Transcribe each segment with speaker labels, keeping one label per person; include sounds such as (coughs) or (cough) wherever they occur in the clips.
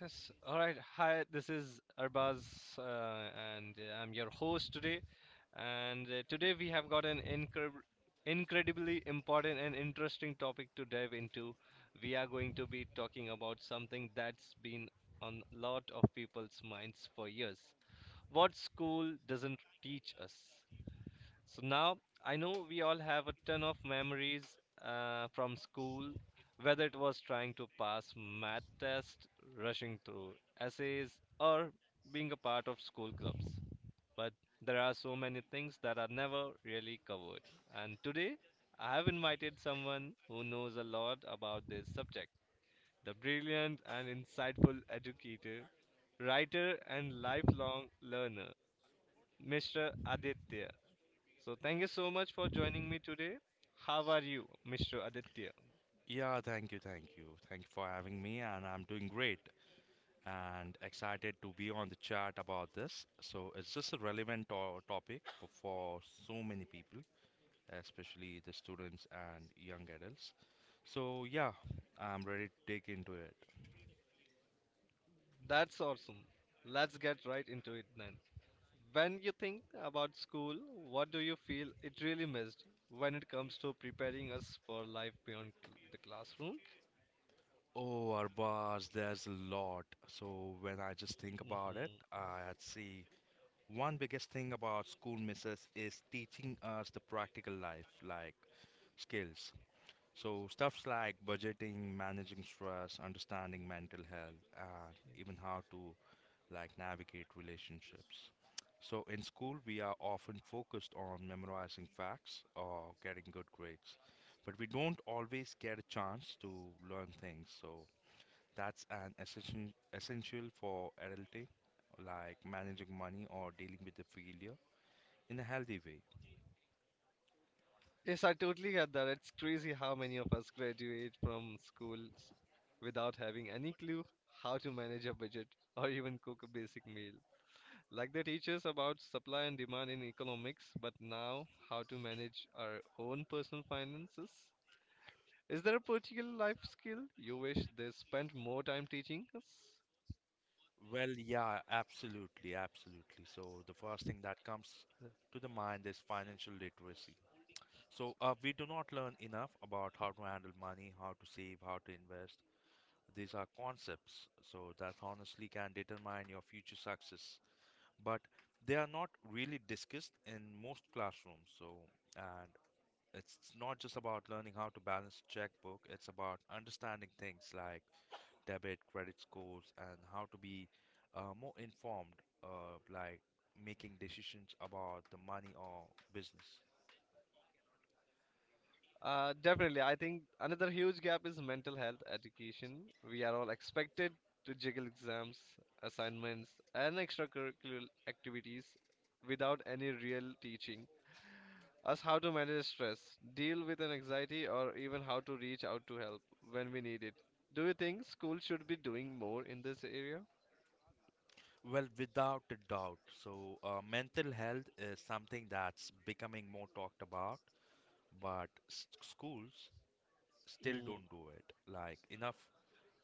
Speaker 1: Yes. All right. Hi, this is Arbaz, uh, and I'm your host today. And Today we have got an incredibly important and interesting topic to dive into. We are going to be talking about something that's been on a lot of people's minds for years. What school doesn't teach us? So now I know we all have a ton of memories from school, whether it was trying to pass math test, rushing through essays, or being a part of school clubs. But there are so many things that are never really covered. And today, I have invited someone who knows a lot about this subject, the brilliant and insightful educator, writer, and lifelong learner, Mr. Aditya. So thank you so much for joining me today. How are you, Mr. Aditya?
Speaker 2: Yeah, thank you, thank you. Thank you for having me, and I'm doing great and excited to be on the chat about this. So, it's just a relevant to topic for so many people, especially the students and young adults. So, yeah, I'm ready to dig into it.
Speaker 1: That's awesome. Let's get right into it then. When you think about school, what do you feel it really missed when it comes to preparing us for life beyond the classroom?
Speaker 2: Oh, Arbaz, there's a lot. So, when I just think about it,
Speaker 1: Mhm.
Speaker 2: I'd say one biggest thing about school misses is teaching us the practical life, like skills. So, stuffs like budgeting, managing stress, understanding mental health, and even how to like navigate relationships. So, in school, we are often focused on memorizing facts or getting good grades, but we don't always get a chance to learn things. So, that's an essential for adulting, like managing money or dealing with the failure in a healthy way.
Speaker 1: Yes, I totally get that. It's crazy how many of us graduate from schools without having any clue how to manage a budget or even cook a basic meal. Like they teach us about supply and demand in economics, but now how to manage our own personal finances? Is there a particular life skill you wish they spent more time teaching us?
Speaker 2: Well, yeah, absolutely, absolutely. So the first thing that comes to the mind is financial literacy. So we do not learn enough about how to handle money, how to save, how to invest. These are concepts, so that honestly can determine your future success. But they are not really discussed in most classrooms. So, and it's not just about learning how to balance checkbook, it's about understanding things like debit, credit scores, and how to be more informed, like making decisions about the money or business.
Speaker 1: Definitely. I think another huge gap is mental health education. We are all expected to juggle exams, assignments, and extracurricular activities without any real teaching us how to manage stress, deal with an anxiety, or even how to reach out to help when we need it. Do you think school should be doing more in this area?
Speaker 2: Well, without a doubt. So, mental health is something that's becoming more talked about, but schools still don't do it. Like enough,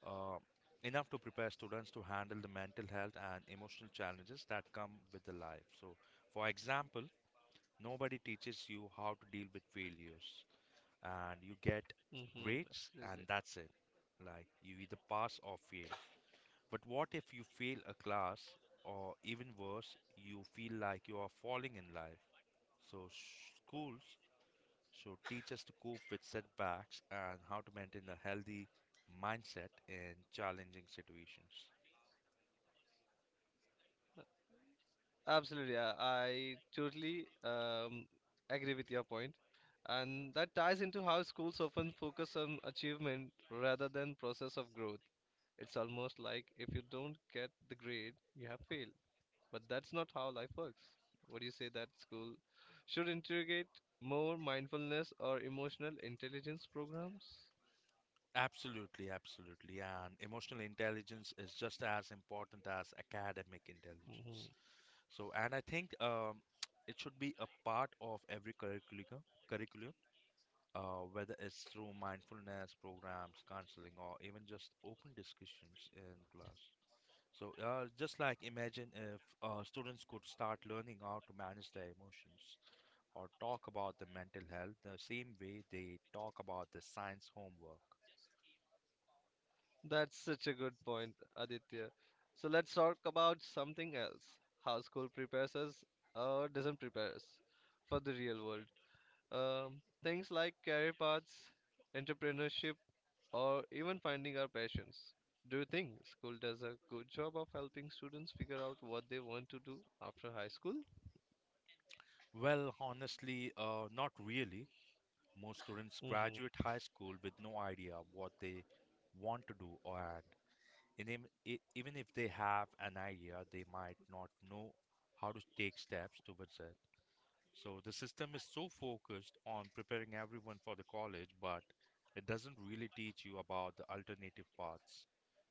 Speaker 2: uh, enough to prepare students to handle the mental health and emotional challenges that come with the life. So, for example, nobody teaches you how to deal with failures, and you get
Speaker 1: Mm-hmm,
Speaker 2: grades
Speaker 1: absolutely.
Speaker 2: and that's it. Like you either pass or fail. But what if you fail a class or even worse, you feel like you are falling in life? So schools should teach us to cope with setbacks and how to maintain a healthy mindset in challenging situations.
Speaker 1: Uh, Absolutely. I totally agree with your point. And that ties into how schools often focus on achievement rather than process of growth. It's almost like if you don't get the grade, you have failed. But that's not how life works. What do you say that school should integrate more mindfulness or emotional intelligence programs?
Speaker 2: Absolutely, absolutely. And emotional intelligence is just as important as academic
Speaker 1: Hmm.
Speaker 2: intelligence. So, and I think (tsk) it should be a part of every curriculum, whether it's through mindfulness programs, counseling, or even just open discussions in class. So, just like imagine if students could start learning how to manage their emotions or talk about the mental health the same way they talk about the science homework.
Speaker 1: That's such a good point, Aditya. So let's talk about something else. How school prepares us or doesn't prepare us for the real world. Things like career paths, entrepreneurship, or even finding our passions. Do you think school does a good job of helping students figure out what they want to do after high school?
Speaker 2: Well, honestly, not really. Most students
Speaker 1: Hmm.
Speaker 2: graduate high school with no idea what they want to do, or even if they have an idea, they might not know how to take steps towards it. So the system is so focused on preparing everyone for the college, but it doesn't really teach you about the alternative paths.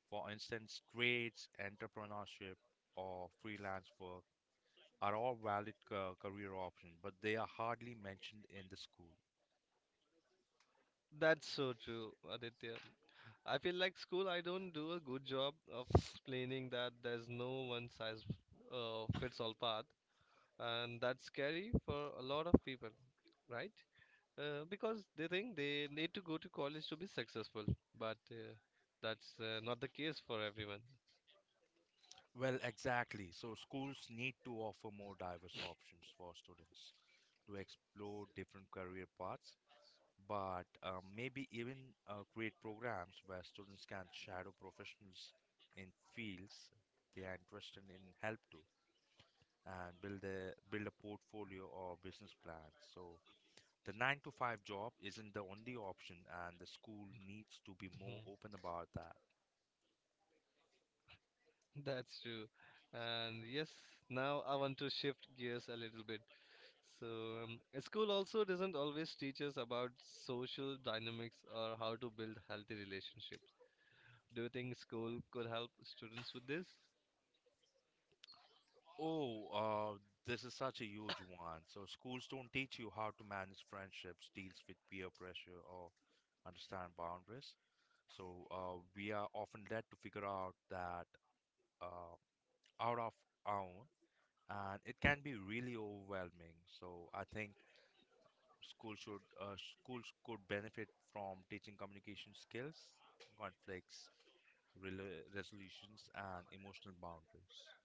Speaker 2: For instance, trades, entrepreneurship, or freelance work are all valid career options, but they are hardly mentioned in the school.
Speaker 1: That's so true, Aditya. I feel like school, I don't do a good job of explaining that there's no one size fits all path, and that's scary for a lot of people, right? Because they think they need to go to college to be successful, but that's not the case for everyone.
Speaker 2: Well, exactly. So schools need to offer more diverse options for students to explore different career paths, but maybe even create programs where students can shadow professionals in fields they are interested in help to and build a portfolio or business plan. So the nine to five job isn't the only option, and the school needs to be more
Speaker 1: Mhm.
Speaker 2: open about that.
Speaker 1: (laughs) That's true. And yes, now I want to shift gears a little bit. So, school also doesn't always teach us about social dynamics or how to build healthy relationships. Do you think school could help students with this?
Speaker 2: Oh, this is such a huge one. So schools don't teach you how to manage friendships, deals with peer pressure, or understand boundaries. So we are often led to figure out that uh, out of our own, and it can be really overwhelming. So I think school should schools could benefit from teaching communication skills, conflicts, resolutions, and emotional boundaries.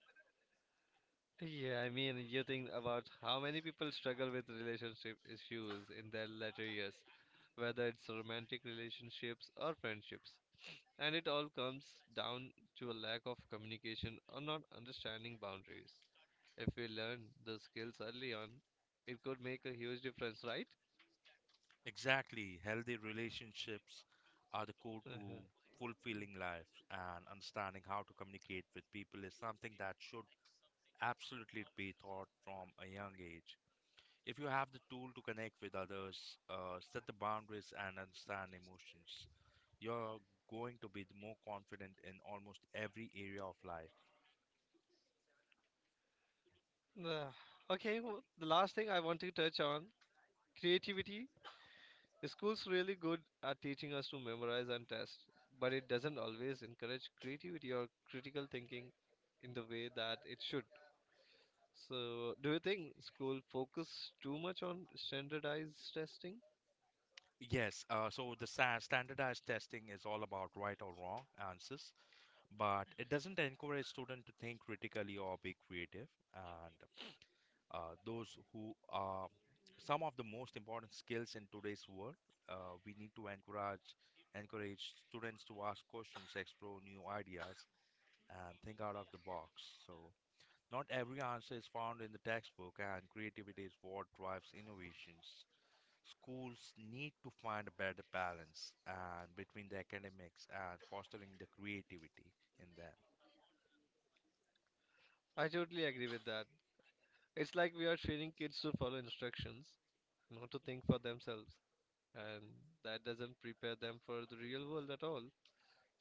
Speaker 1: Yeah, I mean, you think about how many people struggle with relationship issues in their later years, whether it's romantic relationships or friendships. And it all comes down to a lack of communication or not understanding boundaries. If we learn those skills early on, it could make a huge difference, right?
Speaker 2: Exactly. Healthy relationships are the core to
Speaker 1: (laughs)
Speaker 2: fulfilling life, and understanding how to communicate with people is something that should absolutely be taught from a young age. If you have the tool to connect with others, set the boundaries, and understand emotions, you're going to be the more confident in almost every area of life.
Speaker 1: Ugh. Okay, well, the last thing I want to touch on, creativity. School's really good at teaching us to memorize and test, but it doesn't always encourage creativity or critical thinking in the way that it should. So, do you think school focus too much on standardized testing?
Speaker 2: Yes, so the standardized testing is all about right or wrong answers, but it doesn't encourage students to think critically or be creative. And those who are some of the most important skills in today's world, we need to encourage students to ask questions, explore new ideas, and think out of the box. So not every answer is found in the textbook, and creativity is what drives innovations. Schools need to find a better balance and between the academics and fostering the creativity in them.
Speaker 1: I totally agree with that. It's like we are training kids to follow instructions, not to think for themselves, and that doesn't prepare them for the real world at all.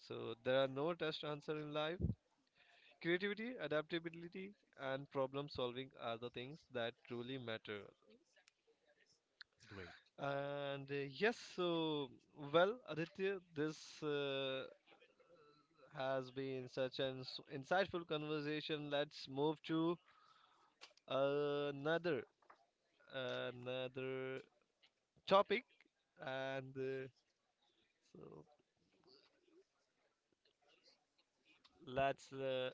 Speaker 1: So, there are no test answer in life. Creativity, adaptability, and problem solving are the things that truly matter.
Speaker 2: Great.
Speaker 1: So well, Aditya, this has been such an insightful conversation. Let's move to another another topic, and so let's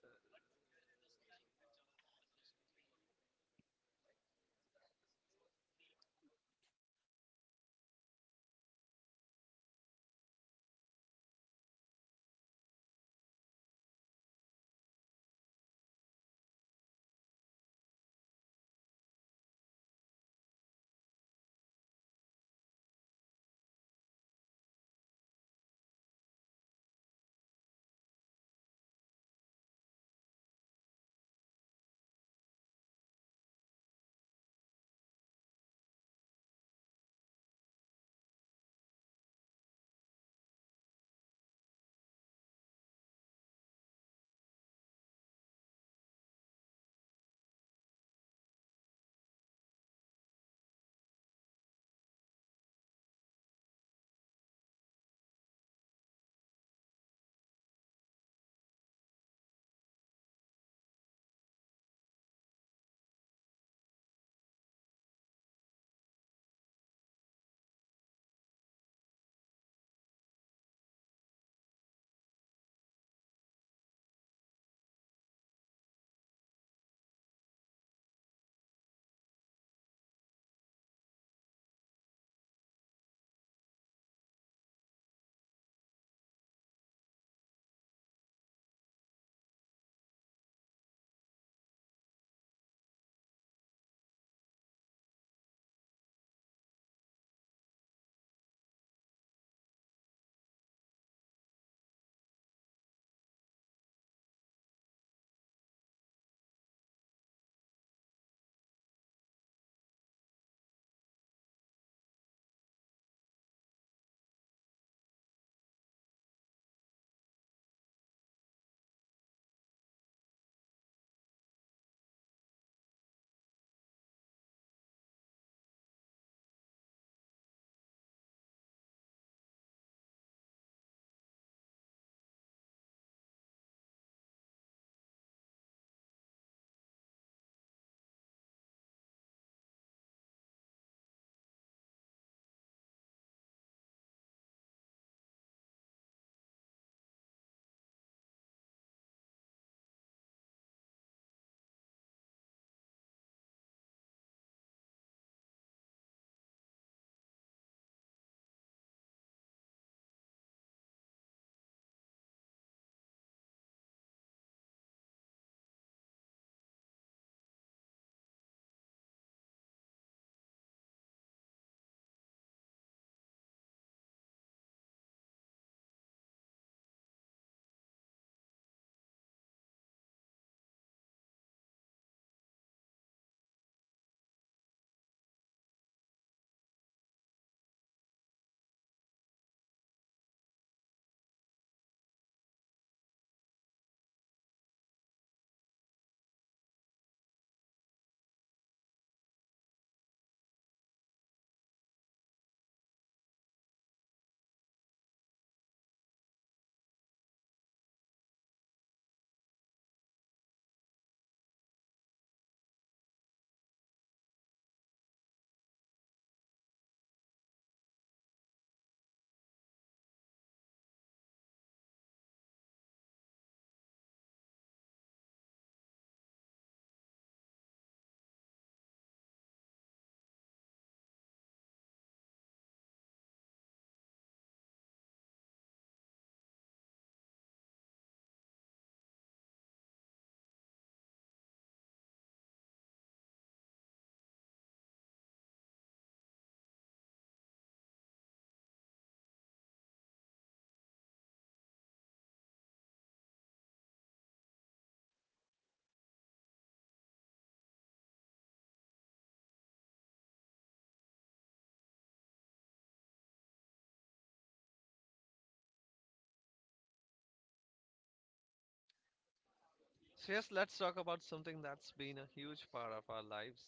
Speaker 1: So, yes, let's talk about something that's been a huge part of our lives,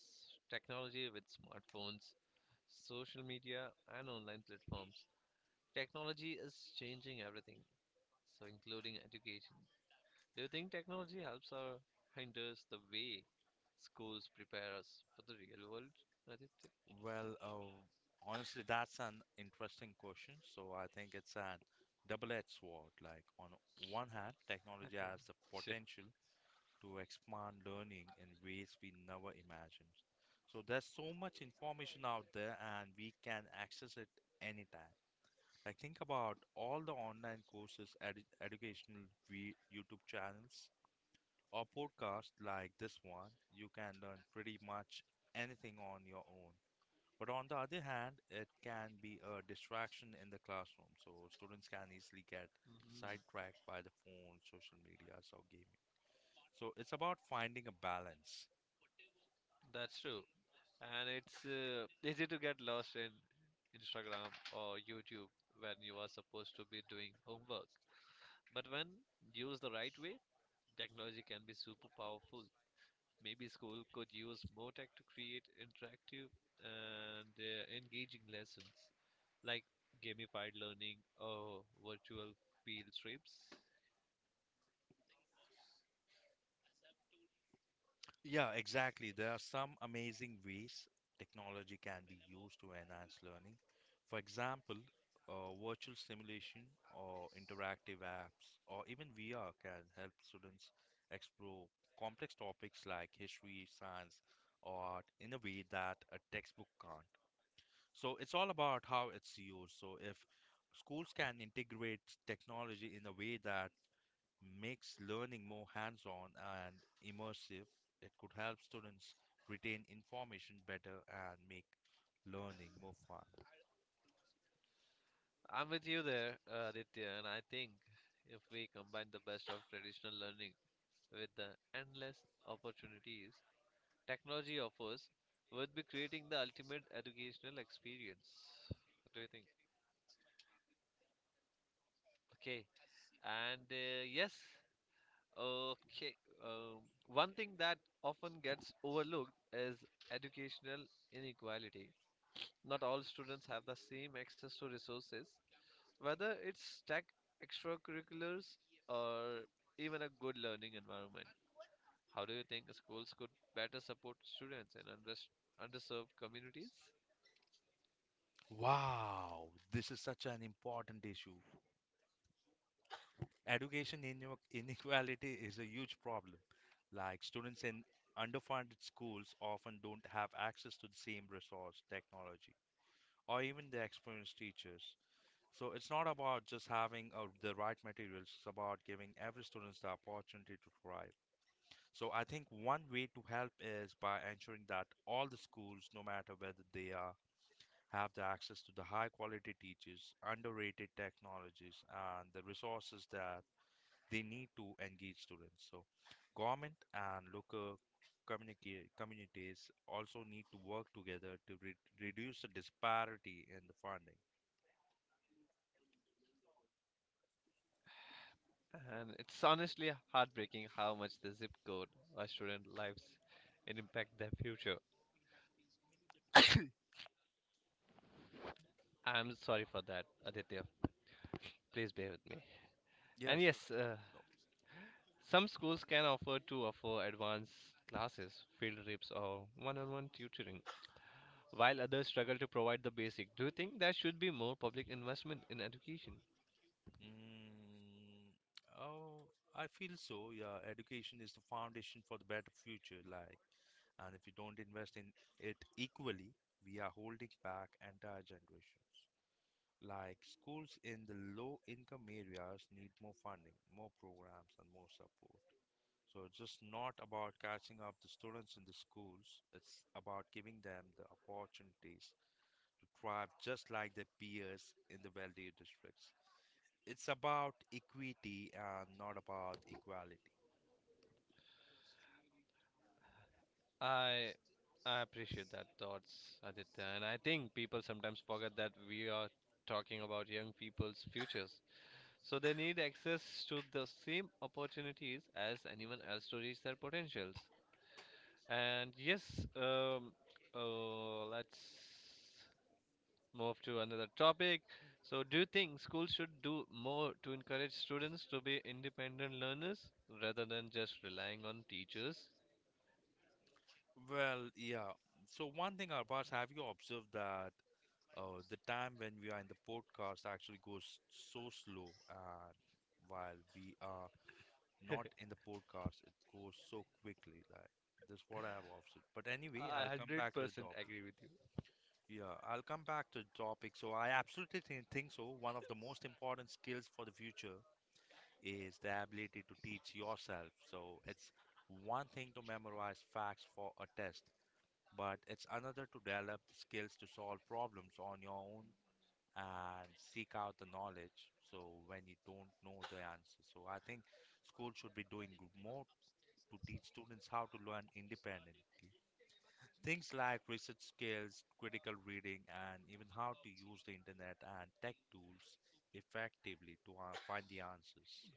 Speaker 1: technology with smartphones, social media, and online platforms. Technology is changing everything, so including education. Do you think technology helps or hinders the way schools prepare us for the real world, Aditya?
Speaker 2: Well, honestly, that's an interesting question. So I think it's an double-edged sword. Like on one hand, technology
Speaker 1: (laughs)
Speaker 2: has the
Speaker 1: Sure.
Speaker 2: potential to expand learning in ways we never imagined. So there's so much information out there, and we can access it anytime. Like think about all the online courses, YouTube channels, or podcasts like this one. You can learn pretty much anything on your own. But on the other hand, it can be a distraction in the classroom, so students can easily get
Speaker 1: Mhm.
Speaker 2: sidetracked by the phone, social media, or gaming. So it's about finding a balance.
Speaker 1: That's true. And it's easy to get lost in Instagram or YouTube when you are supposed to be doing homework. But when used the right way, technology can be super powerful. Maybe school could use more tech to create interactive and engaging lessons like gamified learning or virtual field trips.
Speaker 2: Yeah, exactly. There are some amazing ways technology can be used to enhance learning. For example, virtual simulation or interactive apps or even VR can help students explore complex topics like history, science, or art in a way that a textbook can't. So it's all about how it's used. So if schools can integrate technology in a way that makes learning more hands-on and immersive, it could help students retain information better and make learning more fun.
Speaker 1: I'm with you there, Aditya, and I think if we combine the best of traditional learning with the endless opportunities technology offers, would be creating the ultimate educational experience. What do you think? Okay. And uh, yes, okay. Um, One thing that often gets overlooked is educational inequality. Not all students have the same access to resources, whether it's tech, extracurriculars, or even a good learning environment. How do you think schools could better support students in underserved communities?
Speaker 2: Wow, this is such an important issue. Education ine- (laughs) inequality is a huge problem. Like students in underfunded schools often don't have access to the same resource, technology, or even the experienced teachers. So it's not about just having the right materials, it's about giving every student the opportunity to thrive. So I think one way to help is by ensuring that all the schools, no matter whether they are, have the access to the high quality teachers, underrated technologies, and the resources that they need to engage students. So government and local communities also need to work together to reduce the disparity in the funding.
Speaker 1: And it's honestly heartbreaking how much the zip code of student lives and impact their future. I'm sorry for that, Aditya. Please bear with me.
Speaker 2: Yeah,
Speaker 1: And
Speaker 2: sure.
Speaker 1: yes, some schools can offer to offer advanced classes, field trips, or one-on-one tutoring, while others struggle to provide the basic. Do you think there should be more public investment in education?
Speaker 2: Mm, oh, I feel so. Yeah, education is the foundation for the better future. Like, and if you don't invest in it equally, we are holding back entire generations. Like, schools in the low income areas need more funding, more programs, and more support. So, it's just not about catching up the students in the schools, it's about giving them the opportunities to thrive just like their peers in the wealthier districts. It's about equity and not about equality.
Speaker 1: I I appreciate that thoughts, Aditya, and I think people sometimes forget that we are talking about young people's futures. So they need access to the same opportunities as anyone else to reach their potentials. And yes, um, let's move to another topic. So, do you think schools should do more to encourage students to be independent learners rather than just relying on teachers?
Speaker 2: Well, yeah. So one thing, Arbash, have you observed that the time when we are in the podcast actually goes so slow, and while we are not
Speaker 1: (laughs)
Speaker 2: in the podcast, it goes so quickly. Like this, is what I have observed. But
Speaker 1: I
Speaker 2: anyway, I'll come back to the
Speaker 1: 100%
Speaker 2: topic.
Speaker 1: agree with you.
Speaker 2: Yeah, I'll come back to the topic. So I absolutely think so. One of the most important skills for the future is the ability to teach yourself. So it's one thing to memorize facts for a test, but it's another to develop the skills to solve problems on your own and seek out the knowledge. So when you don't know the answer, so I think school should be doing more to teach students how to learn independently. Things like research skills, critical reading, and even how to use the internet and tech tools effectively to find the answers.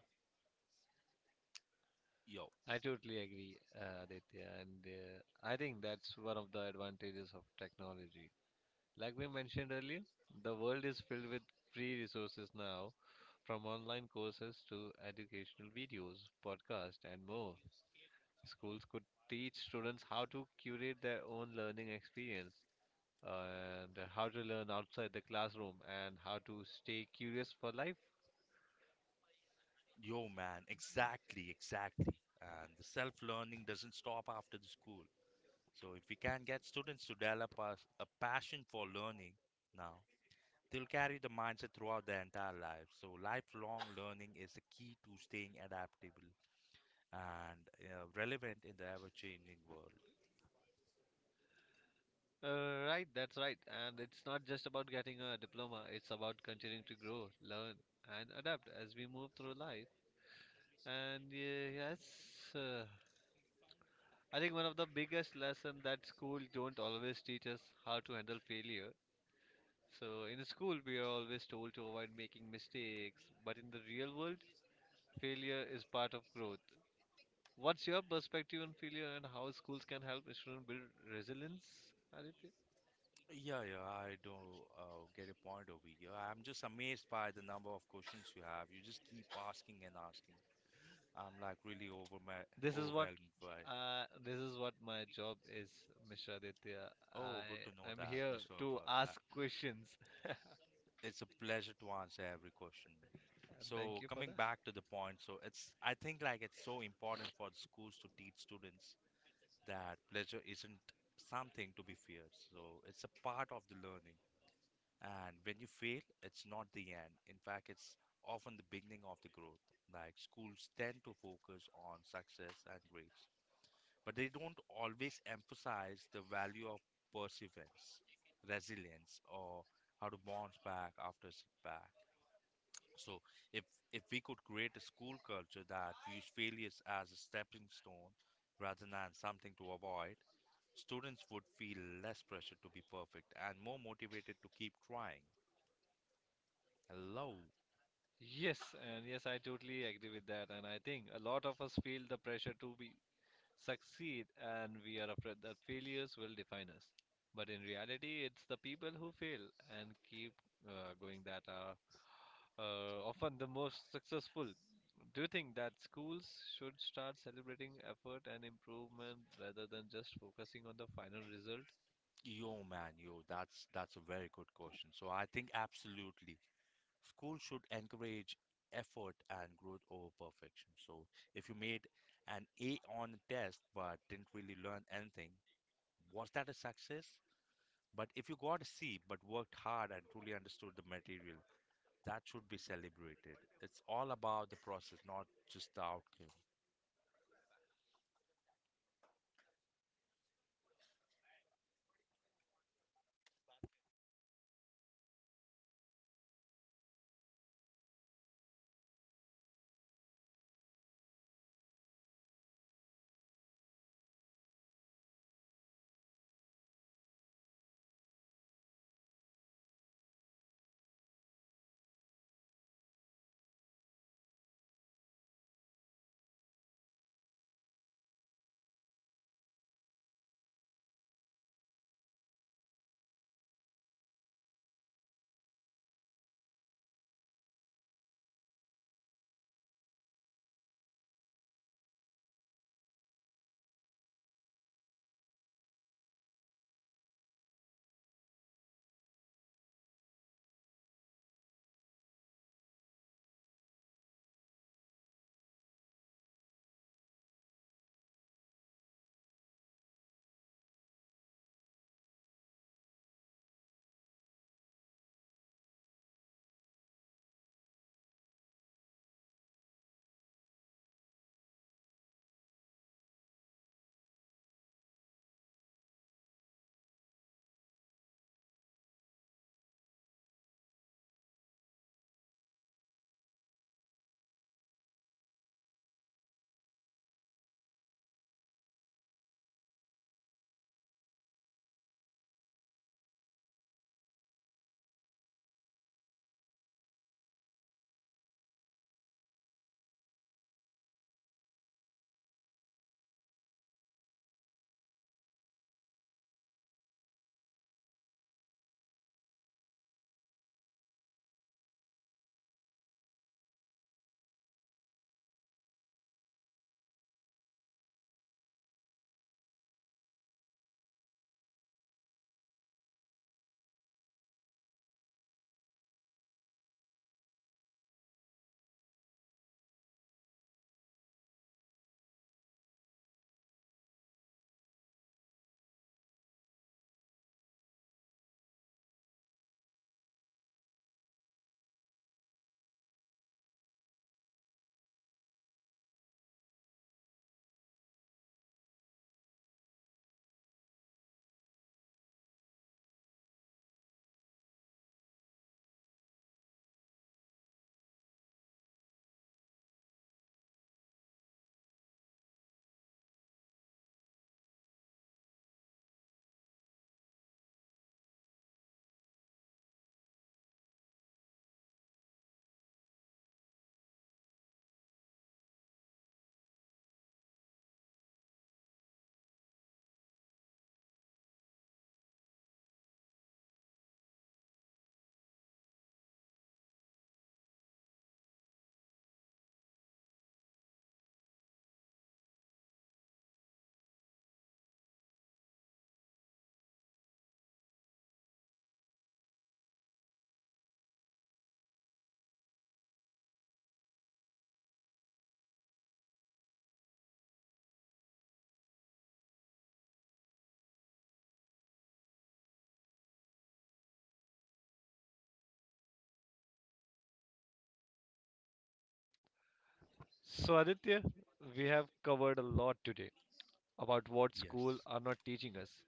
Speaker 2: Yo.
Speaker 1: I totally agree, Aditya. And I think that's one of the advantages of technology. Like we mentioned earlier, the world is filled with free resources now, from online courses to educational videos, podcasts, and more. Schools could teach students how to curate their own learning experience, and how to learn outside the classroom, and how to stay curious for life.
Speaker 2: Yo, man, exactly, exactly. And the self-learning doesn't stop after the school. So if we can get students to develop a passion for learning now, they'll carry the mindset throughout their entire life. So lifelong learning is the key to staying adaptable and relevant in the ever-changing world.
Speaker 1: Right, that's right. And it's not just about getting a diploma, it's about continuing to grow, learn, and adapt as we move through life. And uh, yes, uh, I think one of the biggest lesson that school don't always teach us how to handle failure. So in school we are always told to avoid making mistakes, but in the real world, failure is part of growth. What's your perspective on failure and how schools can help students build resilience, Aditya?
Speaker 2: Yeah, yeah, I do get a point over here. I'm just amazed by the number of questions you have. You just keep asking and asking. I'm like really over
Speaker 1: This is what
Speaker 2: overwhelmed by.
Speaker 1: this is what my job is, Mishra Aditya.
Speaker 2: Oh, good to
Speaker 1: I
Speaker 2: know
Speaker 1: am
Speaker 2: that,
Speaker 1: here
Speaker 2: Mr.
Speaker 1: to
Speaker 2: Abbas.
Speaker 1: ask questions. (laughs) And
Speaker 2: It's a pleasure to answer every question.
Speaker 1: thank
Speaker 2: So
Speaker 1: you for
Speaker 2: coming
Speaker 1: that.
Speaker 2: back to the point, so it's I think like it's so important for the schools to teach students that pleasure isn't something to be feared. So it's a part of the learning. And when you fail, it's not the end. In fact, it's often the beginning of the growth. Like schools tend to focus on success and grades, but they don't always emphasize the value of perseverance, resilience, or how to bounce back after a setback. So, if if we could create a school culture that views failures as a stepping stone rather than something to avoid, students would feel less pressure to be perfect and more motivated to keep trying. Hello.
Speaker 1: Yes, and yes, I totally agree with that. And I think a lot of us feel the pressure to be succeed, and we are afraid that failures will define us. But in reality, it's the people who fail and keep going that are often the most successful. Do you think that schools should start celebrating effort and improvement rather than just focusing on the final result?
Speaker 2: Yo, man, yo, that's a very good question. So I think absolutely. School should encourage effort and growth over perfection. So if you made an A on a test but didn't really learn anything, was that a success? But if you got a C but worked hard and truly understood the material, that should be celebrated. It's all about the process, not just the outcome.
Speaker 1: So, Aditya, we have covered a lot today about what school
Speaker 2: Yes.
Speaker 1: are not teaching us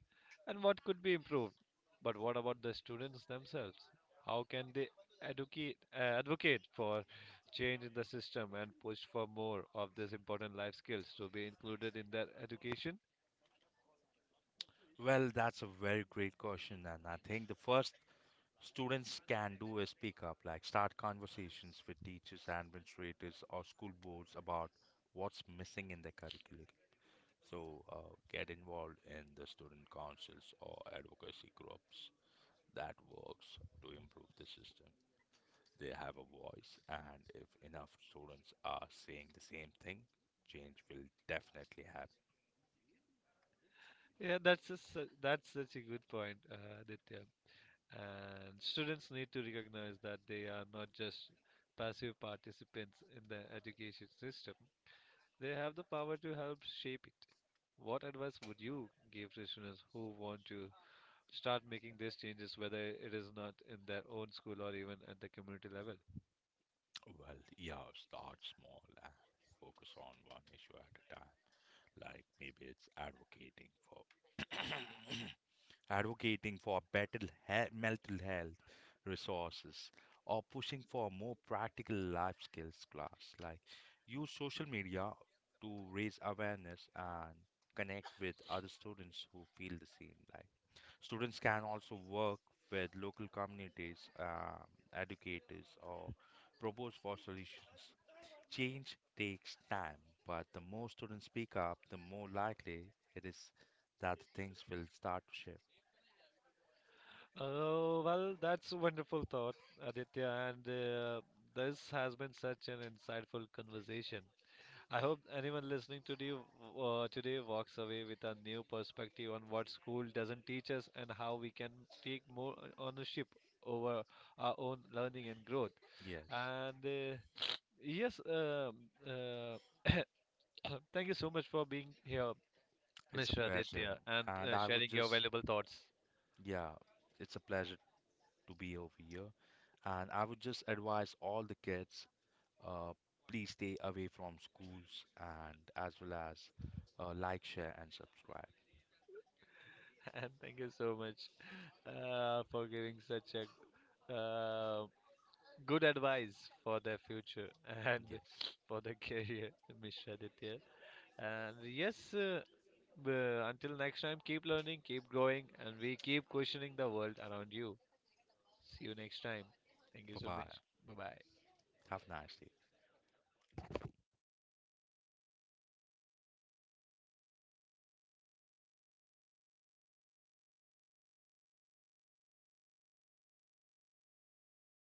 Speaker 1: and what could be improved. But what about the students themselves? How can they advocate for change in the system and push for more of these important life skills to be included in their education?
Speaker 2: Well, that's a very great question, and I think the first students can do is speak up, like start conversations with teachers, administrators, or school boards about what's missing in the curriculum. So get involved in the student councils or advocacy groups that works to improve the system. They have a voice, and if enough students are saying the same thing, change will definitely happen.
Speaker 1: Yeah, that's a, that's such a good point, Aditya. And students need to recognize that they are not just passive participants in the education system. They have the power to help shape it. What advice would you give to students who want to start making these changes, whether it is not in their own school or even at the community level?
Speaker 2: Well, yeah, start small and focus on one issue at a time. Like maybe it's advocating for (coughs) advocating for better mental health resources or pushing for more practical life skills class, like use social media to raise awareness and connect with other students who feel the same. Like students can also work with local communities, educators, or propose for solutions. Change takes time, but the more students speak up, the more likely it is that the things will start to shift.
Speaker 1: Oh, well, that's a wonderful thought, Aditya. And This has been such an insightful conversation. I hope anyone listening to you today walks away with a new perspective on what school doesn't teach us and how we can take more ownership over our own learning and growth.
Speaker 2: Yes,
Speaker 1: And uh, Yes, um, uh, (coughs) Thank you so much for being here,
Speaker 2: it's a
Speaker 1: Mr.
Speaker 2: pleasure.
Speaker 1: Aditya, and
Speaker 2: And I would
Speaker 1: sharing your
Speaker 2: just,
Speaker 1: valuable thoughts.
Speaker 2: yeah, it's a pleasure to be over here. And I would just advise all the kids uh, please stay away from schools and as well as like, share, and subscribe.
Speaker 1: (laughs) And thank you so much for giving such a uh, good advice for their future and
Speaker 2: Yes,
Speaker 1: (laughs) for their career, Mr. Aditya. And yes, uh, until next time, keep learning, keep growing, and we keep questioning the world around you. See you next time. Thank you
Speaker 2: bye
Speaker 1: so
Speaker 2: bye.
Speaker 1: much. Bye bye.
Speaker 2: Have a nice day.